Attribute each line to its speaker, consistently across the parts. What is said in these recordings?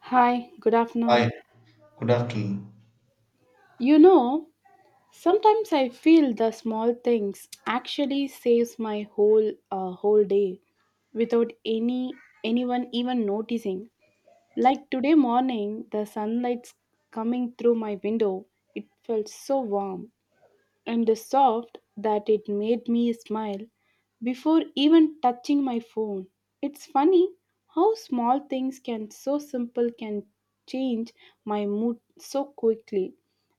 Speaker 1: Hi, good afternoon.
Speaker 2: Hi, good afternoon.
Speaker 1: You know, Sometimes I feel the small things actually saves my whole day without anyone even noticing. Like today morning, the sunlight's coming through my window. It felt so warm and the soft that it made me smile before even touching my phone. It's funny how small things can so simple can change my mood so quickly.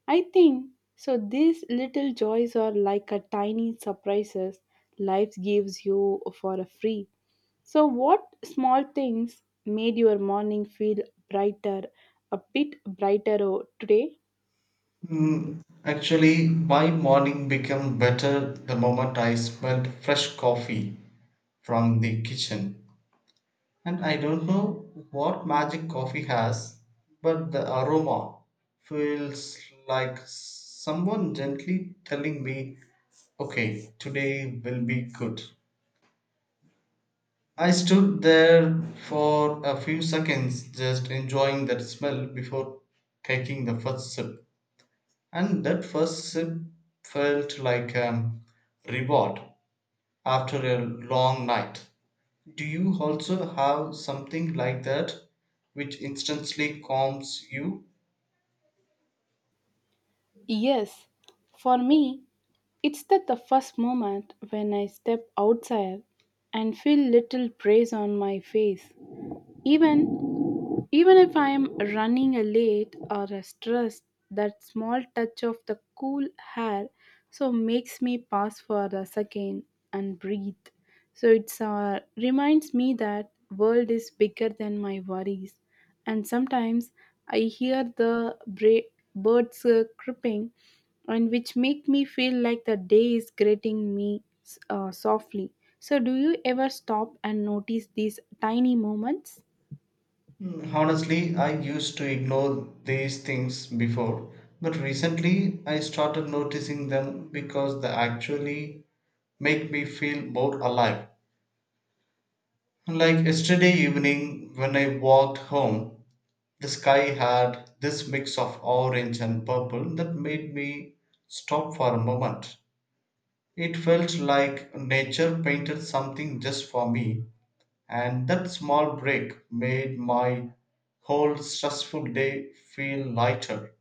Speaker 1: I think so these little joys are like a tiny surprises life gives you for a free. So what small things made your morning feel brighter a bit brighter today?
Speaker 2: Mm, actually, my morning became better the moment I smelled fresh coffee from the kitchen. And I don't know what magic coffee has, but the aroma feels like someone gently telling me, okay, today will be good. I stood there for a few seconds just enjoying that smell before taking the first sip. And that first sip felt like a reward after a long night. Do you also have something like that which instantly calms you?
Speaker 1: Yes, for me, it's that the first moment when I step outside and feel little breeze on my face. Even if I am running a late or a stressed, that small touch of the cool hair so makes me pause for a second and breathe. So it's reminds me that world is bigger than my worries. And sometimes I hear the birds creeping, and which make me feel like the day is greeting me softly. So do you ever stop and notice these tiny moments?
Speaker 2: Mm, honestly, I used to ignore these things before, but recently I started noticing them because they actually make me feel more alive. Like yesterday evening when I walked home, the sky had this mix of orange and purple that made me stop for a moment. It felt like nature painted something just for me, and that small break made my whole stressful day feel lighter.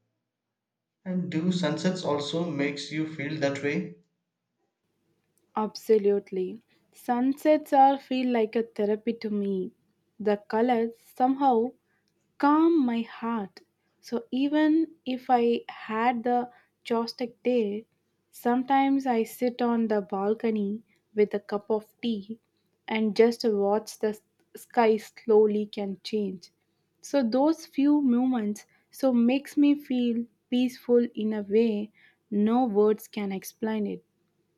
Speaker 2: And do sunsets also makes you feel that way?
Speaker 1: Absolutely. Sunsets are feel like a therapy to me. The colors somehow calm my heart. So even if I had the joystick day, sometimes I sit on the balcony with a cup of tea and just watch the sky slowly can change. So those few moments so makes me feel peaceful in a way no words can explain it.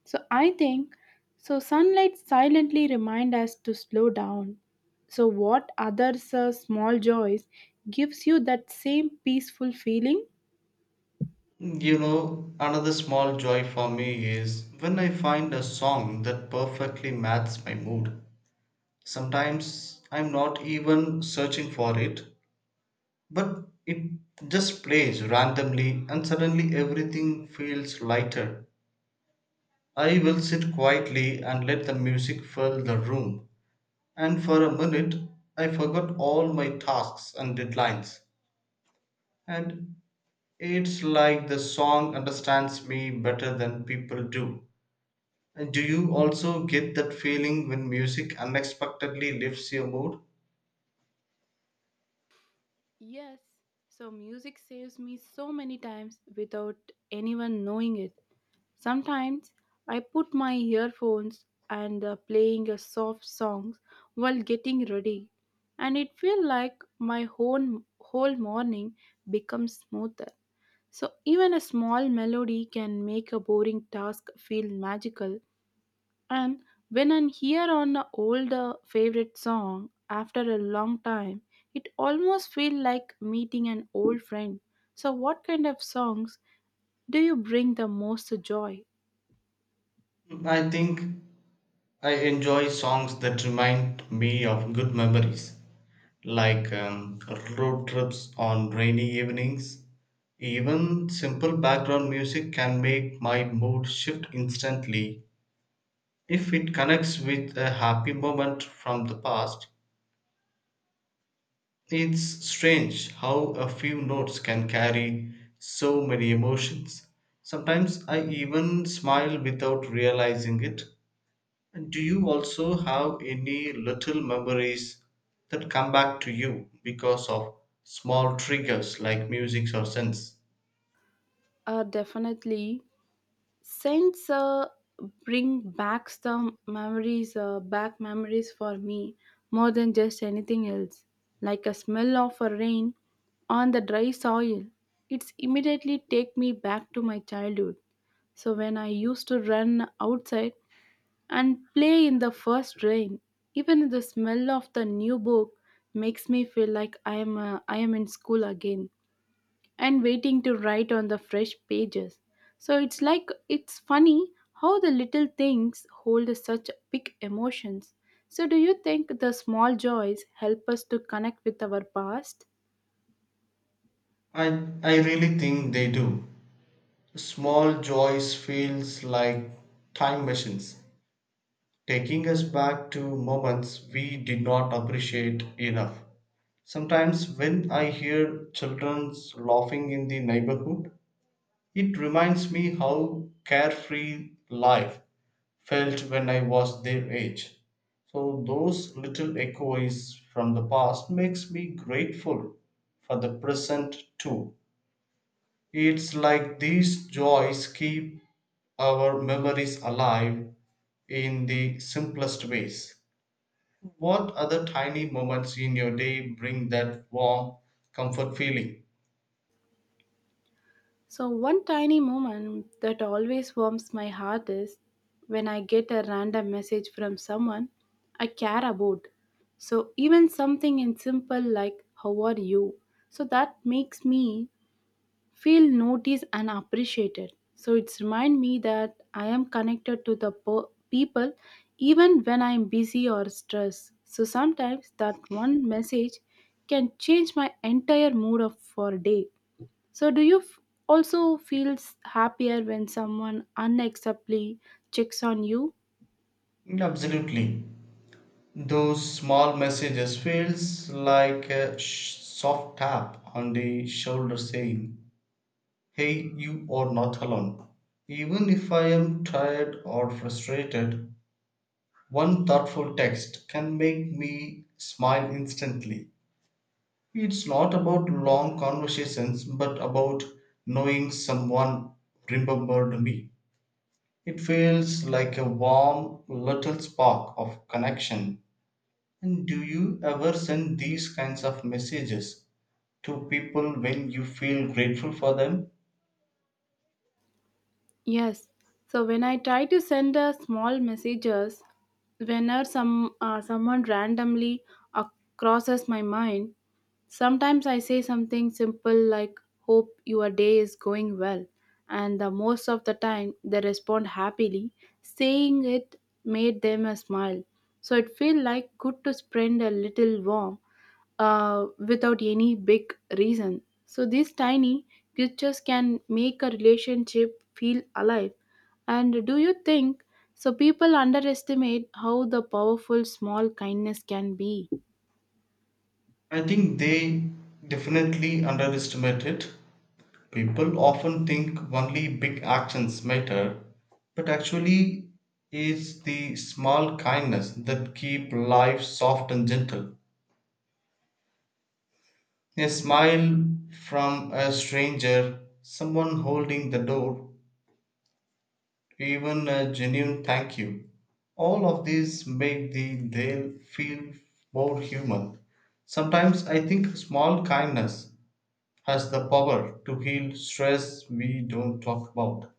Speaker 1: So I think so sunlight silently remind us to slow down. So what others small joys gives you that same peaceful feeling?
Speaker 2: You know, another small joy for me is when I find a song that perfectly matches my mood. Sometimes I'm not even searching for it. But it just plays randomly, and suddenly everything feels lighter. I will sit quietly and let the music fill the room. And for a minute, I forgot all my tasks and deadlines. And it's like the song understands me better than people do. And do you also get that feeling when music unexpectedly lifts your mood?
Speaker 1: Yes. So music saves me so many times without anyone knowing it. Sometimes I put my earphones and playing a soft songs while getting ready and it feels like my whole morning becomes smoother. So, even a small melody can make a boring task feel magical. And when I hear on an old favorite song after a long time, it almost feels like meeting an old friend. So, what kind of songs do you bring the most joy?
Speaker 2: I think I enjoy songs that remind me of good memories like road trips on rainy evenings. Even simple background music can make my mood shift instantly if it connects with a happy moment from the past. It's strange how a few notes can carry so many emotions. Sometimes I even smile without realizing it. And do you also have any little memories that come back to you because of small triggers like music or sense?
Speaker 1: Definitely. Scents bring back the back memories for me more than just anything else. Like a smell of a rain on the dry soil, it's immediately take me back to my childhood. So when I used to run outside and play in the first rain, even the smell of the new book makes me feel like I am in school again and waiting to write on the fresh pages. So it's funny how the little things hold such big emotions. So, do you think the small joys help us to connect with our past?
Speaker 2: I, I really think they do. Small joys feels like time machines, taking us back to moments we did not appreciate enough. Sometimes when I hear children's laughing in the neighborhood, it reminds me how carefree life felt when I was their age. So those little echoes from the past makes me grateful for the present too. It's like these joys keep our memories alive in the simplest ways. What other tiny moments in your day bring that warm comfort feeling?
Speaker 1: So, one tiny moment that always warms my heart is when I get a random message from someone I care about. So, even something in simple like, how are you? So, that makes me feel noticed and appreciated. So it's remind me that I am connected to the people even when I am busy or stressed. So sometimes that one message can change my entire mood of for a day. So do you also feel happier when someone unacceptably checks on you?
Speaker 2: Absolutely. Those small messages feels like a soft tap on the shoulder saying, hey, you are not alone. Even if I am tired or frustrated, one thoughtful text can make me smile instantly. It's not about long conversations, but about knowing someone remembered me. It feels like a warm little spark of connection. And do you ever send these kinds of messages to people when you feel grateful for them?
Speaker 1: Yes. So when I try to send a small messages whenever someone randomly uh, crosses my mind. Sometimes I say something simple like, hope your day is going well, and the most of the time they respond happily. Saying it made them a smile. So it felt like good to spread a little warmth without any big reason. So these tiny gestures can make a relationship feel alive. And do you think so? People underestimate how the powerful small kindness can be.
Speaker 2: I think they definitely underestimate it. People often think only big actions matter, but actually, it's the small kindness that keep life soft and gentle. A smile from a stranger, someone holding the door, even a genuine thank you. All of these make the day feel more human. Sometimes I think small kindness has the power to heal stress we don't talk about.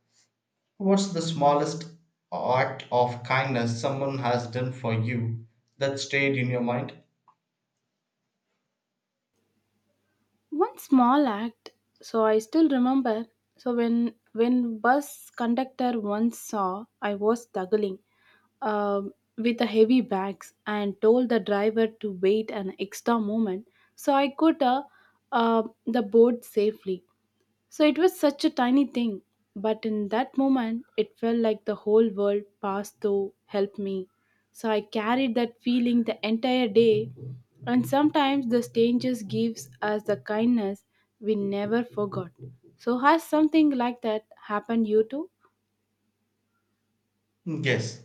Speaker 2: What's the smallest act of kindness someone has done for you that stayed in your mind?
Speaker 1: One small act so I still remember so when bus conductor once saw I was struggling with the heavy bags and told the driver to wait an extra moment so I could the board safely. So it was such a tiny thing, but in that moment, it felt like the whole world passed through, helped me. So I carried that feeling the entire day, and sometimes the strangers gives us the kindness we never forgot. So has something like that happened you too?
Speaker 2: Yes,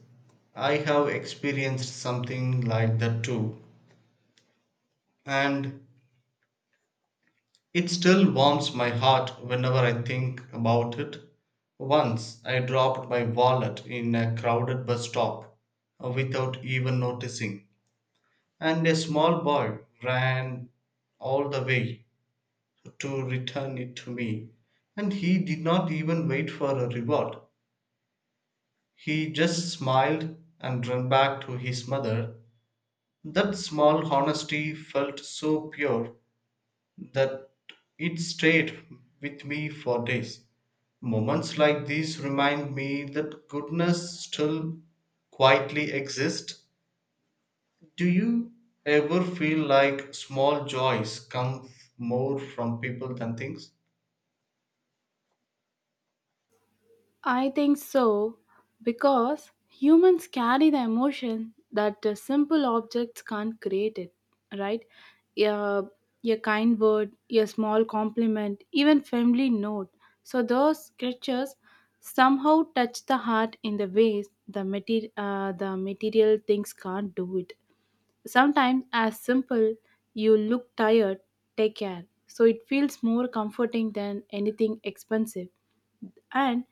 Speaker 2: I have experienced something like that too, and it still warms my heart whenever I think about it. Once I dropped my wallet in a crowded bus stop without even noticing, and a small boy ran all the way to return it to me, and he did not even wait for a reward. He just smiled and ran back to his mother. That small honesty felt so pure that it stayed with me for days. Moments like these remind me that goodness still quietly exists. Do you ever feel like small joys come more from people than things?
Speaker 1: I think so, because humans carry the emotion that simple objects can't create it, right? A, a kind word, a small compliment, even family note. So those creatures somehow touch the heart in the ways the material things can't do it. Sometimes, as simple, you look tired, take care. So it feels more comforting than anything expensive. And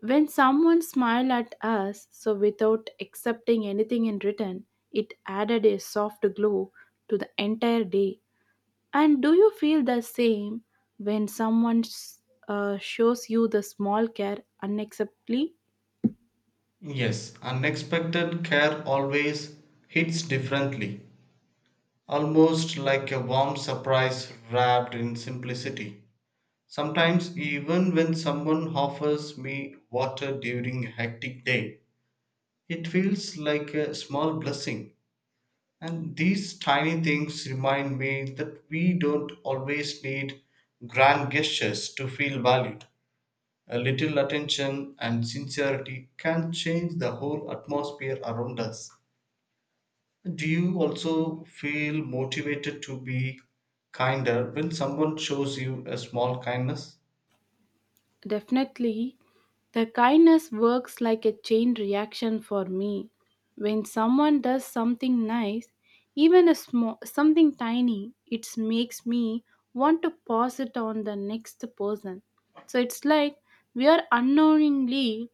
Speaker 1: when someone smiled at us, so without accepting anything in return, it added a soft glow to the entire day. And do you feel the same when shows you the small care unacceptably?
Speaker 2: Yes, unexpected care always hits differently, almost like a warm surprise wrapped in simplicity. Sometimes, even when someone offers me water during a hectic day, it feels like a small blessing. And these tiny things remind me that we don't always need grand gestures to feel valued. A little attention and sincerity can change the whole atmosphere around us. Do you also feel motivated to be kinder when someone shows you a small kindness?
Speaker 1: Definitely, the kindness works like a chain reaction for me. When someone does something nice, even a small something tiny, it makes me want to pass it on the next person. So it's like we are unknowingly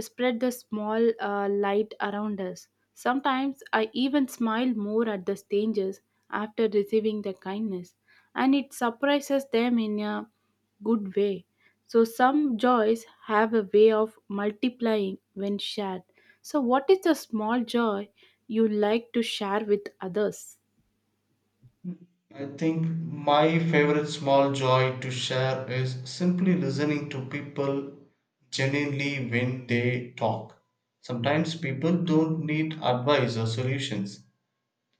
Speaker 1: spread the small light around us. Sometimes I even smile more at the strangers after receiving the kindness, and it surprises them in a good way. So, some joys have a way of multiplying when shared. So, what is the small joy you like to share with others?
Speaker 2: I think my favorite small joy to share is simply listening to people genuinely when they talk. Sometimes people don't need advice or solutions,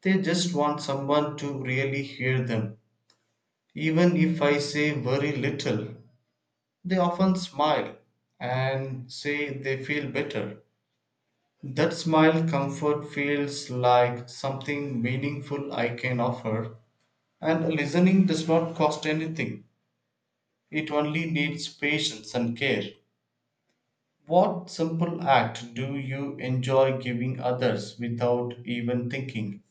Speaker 2: they just want someone to really hear them. Even if I say very little, they often smile and say they feel better. That smile comfort feels like something meaningful I can offer, and listening does not cost anything. It only needs patience and care. What simple act do you enjoy giving others without even thinking?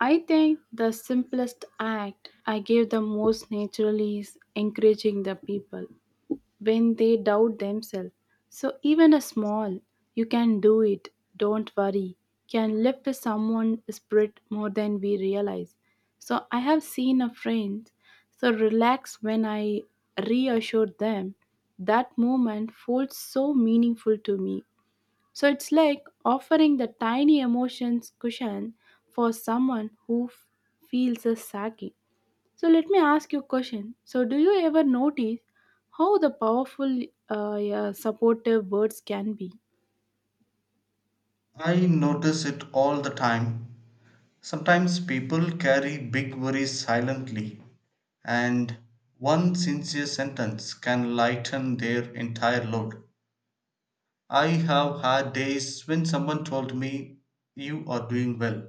Speaker 1: I think the simplest act I give the most naturally is encouraging the people when they doubt themselves. So even a small, you can do it, don't worry, can lift someone's spirit more than we realize. So I have seen a friend so relax when I reassured them. That moment felt so meaningful to me. So it's like offering the tiny emotions cushion for someone who feels a sagging. So let me ask you a question. So do you ever notice how the powerful yeah, supportive words can be?
Speaker 2: I notice it all the time. Sometimes people carry big worries silently, and one sincere sentence can lighten their entire load. I have had days when someone told me, you are doing well,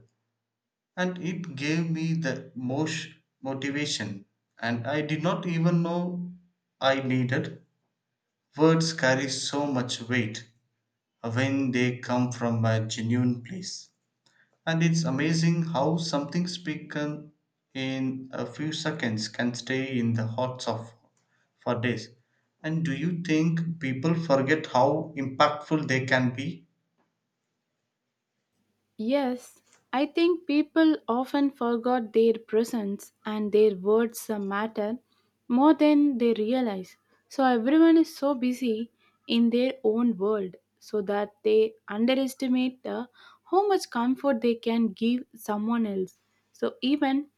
Speaker 2: and it gave me the most motivation, and I did not even know I needed. Words carry so much weight when they come from a genuine place, and it's amazing how something spoken in a few seconds can stay in the hearts of for days. And do you think people forget how impactful they can be?
Speaker 1: Yes, I think people often forgot their presence and their words matter more than they realize. So everyone is so busy in their own world so that they underestimate how much comfort they can give someone else. So even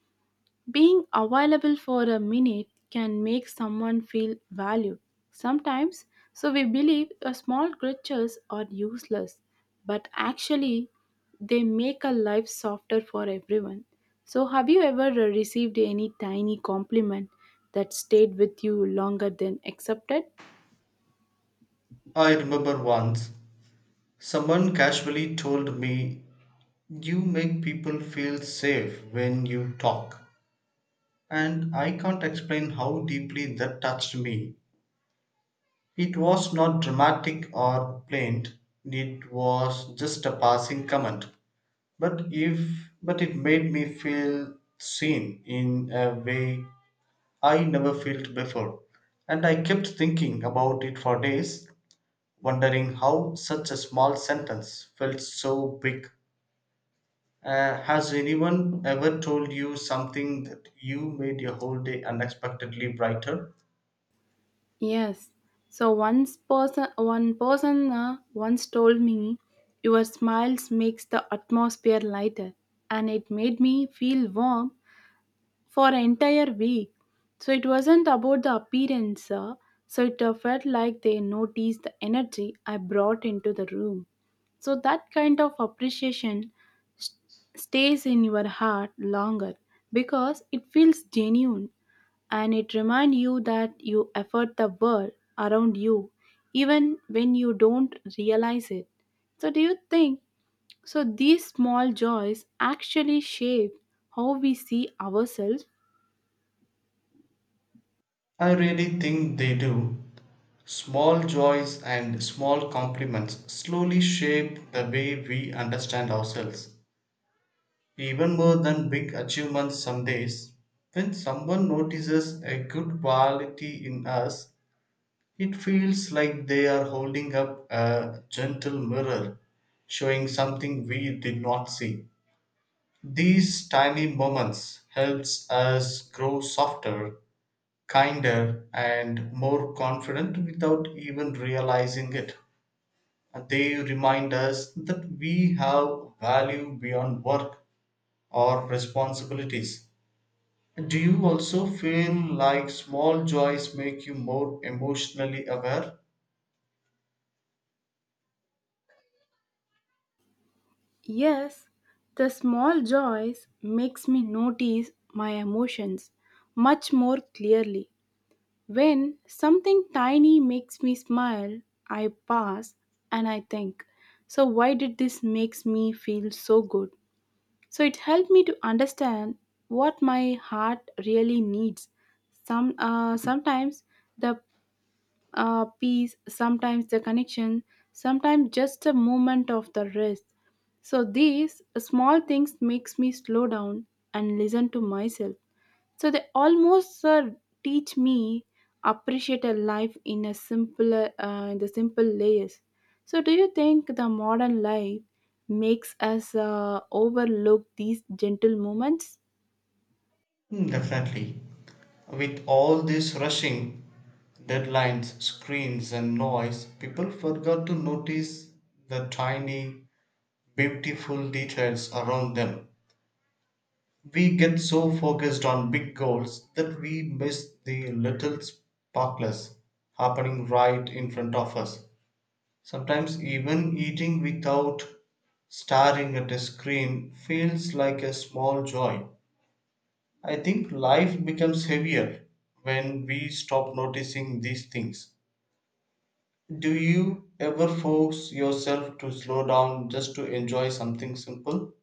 Speaker 1: being available for a minute can make someone feel valued. Sometimes, so we believe a small gestures are useless, but actually, they make a life softer for everyone. So, have you ever received any tiny compliment that stayed with you longer than accepted?
Speaker 2: I remember once someone casually told me, you make people feel safe when you talk. And I can't explain how deeply that touched me. It was not dramatic or plaint, it was just a passing comment. But if but it made me feel seen in a way I never felt before. And I kept thinking about it for days wondering how such a small sentence felt so big. Has anyone ever told you something that you made your whole day unexpectedly brighter?
Speaker 1: Yes. So one person once told me, "Your smiles makes the atmosphere lighter," and it made me feel warm for an entire week. So it wasn't about the appearance, so it felt like they noticed the energy I brought into the room. So that kind of appreciation st- stays in your heart longer because it feels genuine and it reminds you that you effort the world around you even when you don't realize it. So do you think so these small joys actually shape how we see ourselves.
Speaker 2: I really think they do. Small joys and small compliments slowly shape the way we understand ourselves, even more than big achievements some days. When someone notices a good quality in us, it feels like they are holding up a gentle mirror showing something we did not see. These tiny moments helps us grow softer, kinder and more confident without even realizing it. They remind us that we have value beyond work or responsibilities. Do you also feel like small joys make you more emotionally aware?
Speaker 1: Yes, the small joys makes me notice my emotions much more clearly. When something tiny makes me smile, I pass and I think, so why did this makes me feel so good? So it helped me to understand what my heart really needs. Sometimes the peace, sometimes the connection, sometimes just a moment of the rest. So these small things makes me slow down and listen to myself. So they almost teach me appreciate a life in a simpler in the simple layers. So do you think the modern life makes us overlook these gentle moments?
Speaker 2: Mm, definitely. With all this rushing, deadlines, screens, and noise, people forgot to notice the tiny, beautiful details around them. We get so focused on big goals that we miss the little sparkles happening right in front of us. Sometimes, even eating without staring at a screen feels like a small joy. I think life becomes heavier when we stop noticing these things. Do you ever force yourself to slow down just to enjoy something simple?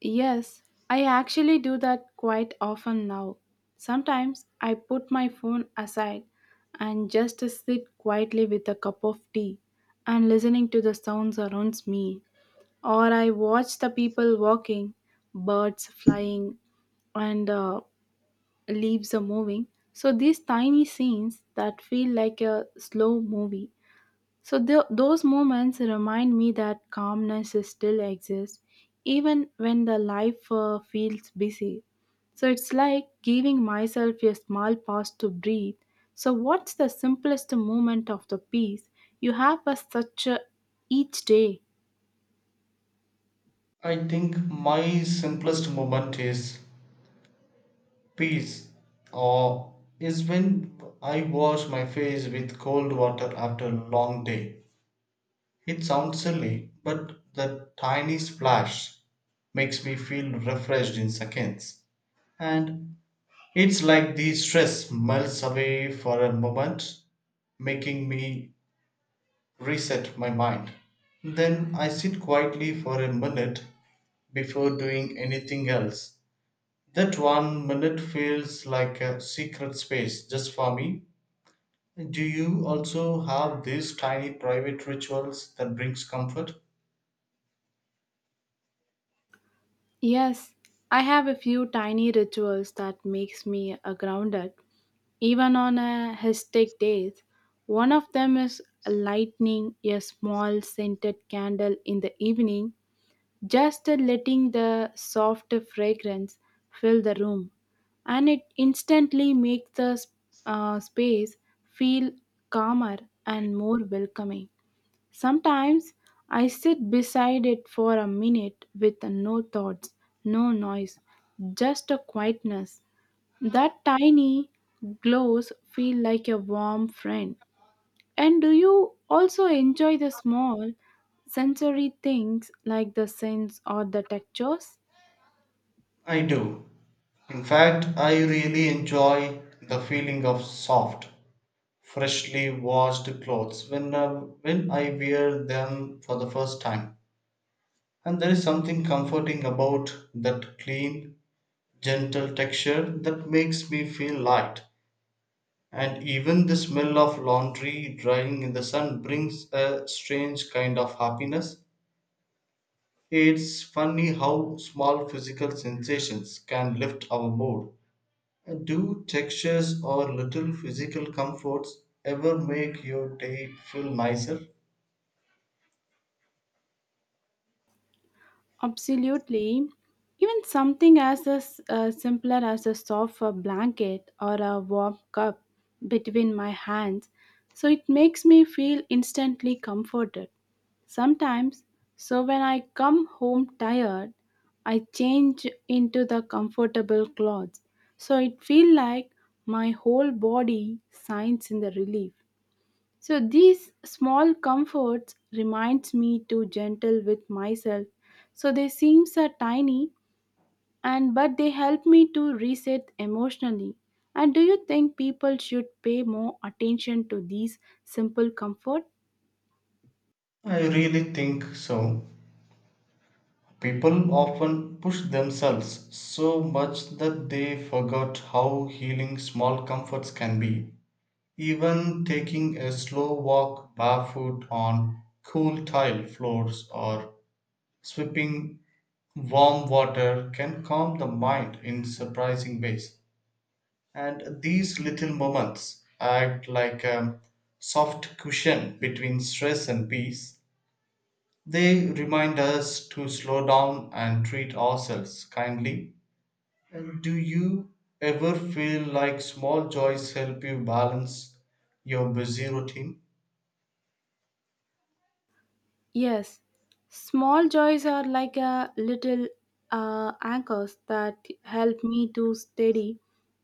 Speaker 1: Yes, I actually do that quite often now. Sometimes I put my phone aside and just sit quietly with a cup of tea and listening to the sounds around me. Or I watch the people walking, birds flying, and leaves are moving. So these tiny scenes that feel like a slow movie so those moments remind me that calmness is still exists even when the life feels busy. So it's like giving myself a small pause to breathe. So what's the simplest moment of the peace you have as such each day?
Speaker 2: I think my simplest moment is peace or is when I wash my face with cold water after a long day. It sounds silly, but the tiny splash makes me feel refreshed in seconds. And it's like the stress melts away for a moment, making me reset my mind. Then I sit quietly for a minute before doing anything else. That one minute feels like a secret space just for me. Do you also have these tiny private rituals that brings comfort?
Speaker 1: Yes, I have a few tiny rituals that makes me grounded even on a hectic days. One of them is lighting a small scented candle in the evening, just letting the soft fragrance fill the room, and it instantly makes the space feel calmer and more welcoming. Sometimes I sit beside it for a minute with no thoughts, no noise, just a quietness. That tiny glows feel like a warm friend. And do you also enjoy the small sensory things like the scents or the textures?
Speaker 2: I do. In fact, I really enjoy the feeling of soft freshly washed clothes when I wear them for the first time. And there is something comforting about that clean, gentle texture that makes me feel light. And even the smell of laundry drying in the sun brings a strange kind of happiness. It's funny how small physical sensations can lift our mood. Do textures or little physical comforts ever make your day feel nicer?
Speaker 1: Absolutely. Even something as simpler as a soft blanket or a warm cup between my hands, so it makes me feel instantly comforted. Sometimes, so when I come home tired, I change into the comfortable clothes, so it feels like my whole body signs in the relief. So these small comforts reminds me to gentle with myself. So they seems are tiny and but they help me to reset emotionally. And do you think people should pay more attention to these simple comfort?
Speaker 2: I really think so. People often push themselves so much that they forgot how healing small comforts can be. Even taking a slow walk barefoot on cool tile floors or swipping warm water can calm the mind in surprising ways. And these little moments act like a soft cushion between stress and peace. They remind us to slow down and treat ourselves kindly. And do you ever feel like small joys help you balance your busy routine?
Speaker 1: Yes, small joys are like a little anchors that help me to steady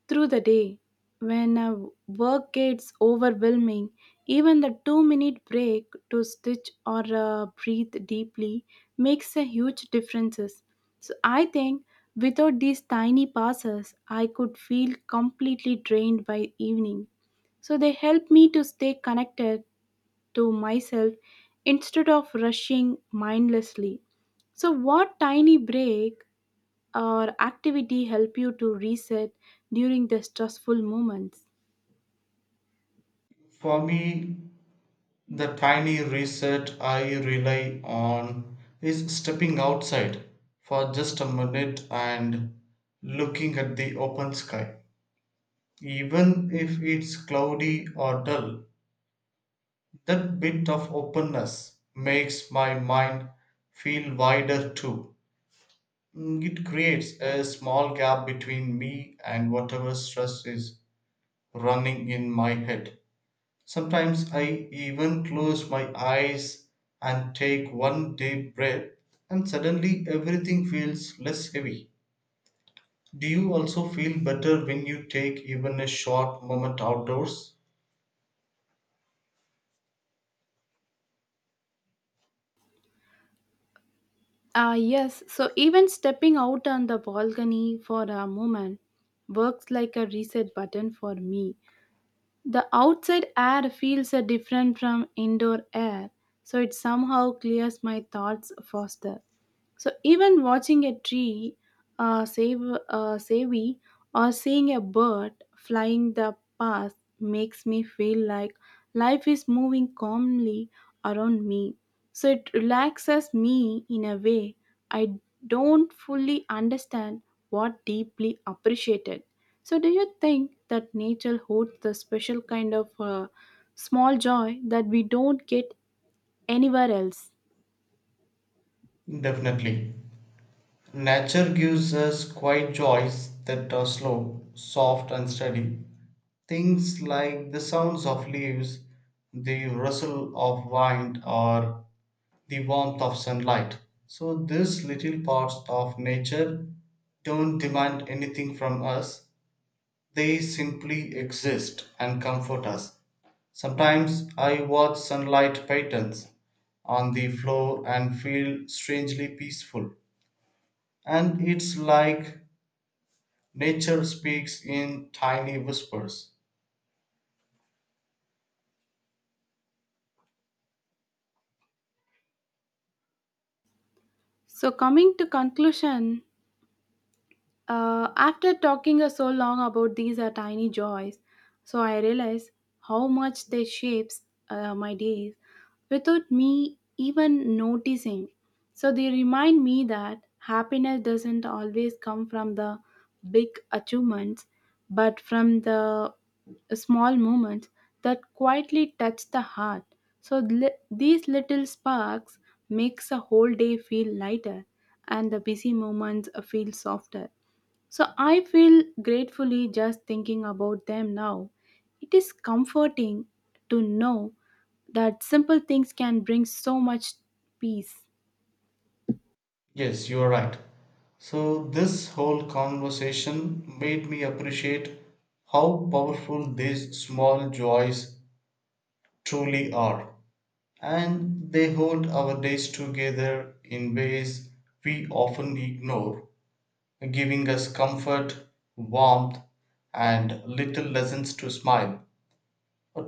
Speaker 1: through the day. When work gets overwhelming, even the 2-minute break to stitch or breathe deeply makes a huge differences. So I think without these tiny passes, I could feel completely drained by evening so they help me to stay connected to myself instead of rushing mindlessly. So, what tiny break or activity help you to reset during the stressful moments?
Speaker 2: For me, the tiny reset I rely on is stepping outside for just a minute and looking at the open sky. Even if it's cloudy or dull, that bit of openness makes my mind feel wider too. Mm, it creates a small gap between me and whatever stress is running in my head. Sometimes I even close my eyes and take one deep breath, and suddenly everything feels less heavy. Do you also feel better when you take even a short moment outdoors?
Speaker 1: Ah, yes. So, even stepping out on the balcony for a moment works like a reset button for me. The outside air feels different from indoor air, so it somehow clears my thoughts faster. So even watching a tree save savvy or seeing a bird flying the past makes me feel like life is moving calmly around me. So it relaxes me in a way I don't fully understand what deeply appreciated. So do you think that nature holds the special kind of small joy that we don't get anywhere else?
Speaker 2: Definitely. Nature gives us quiet joys that are slow, soft, and steady. Things like the sounds of leaves, the rustle of wind, or the warmth of sunlight. So, these little parts of nature don't demand anything from us, they simply exist and comfort us. Sometimes I watch sunlight patterns on the floor and feel strangely peaceful. And it's like nature speaks in tiny whispers.
Speaker 1: So coming to conclusion, after talking so long about these tiny joys, so I realize how much they shapes my days without me even noticing. So they remind me that happiness doesn't always come from the big achievements but from the small moments that quietly touch the heart. So these little sparks makes a whole day feel lighter and the busy moments feel softer. So I feel gratefully just thinking about them now. It is comforting to know that simple things can bring so much peace.
Speaker 2: Yes, you are right. So, this whole conversation made me appreciate how powerful these small joys truly are. And they hold our days together in ways we often ignore, giving us comfort, warmth, and little lessons to smile.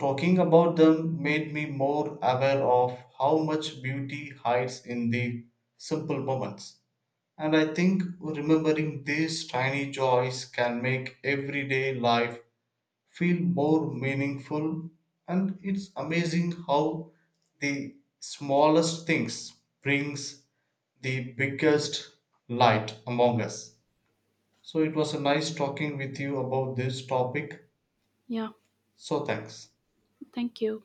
Speaker 2: Talking about them made me more aware of how much beauty hides in the simple moments. And I think remembering these tiny joys can make everyday life feel more meaningful. And it's amazing how the smallest things brings the biggest light among us. So it was a nice talking with you about this topic.
Speaker 1: Yeah,
Speaker 2: So thanks.
Speaker 1: thank you.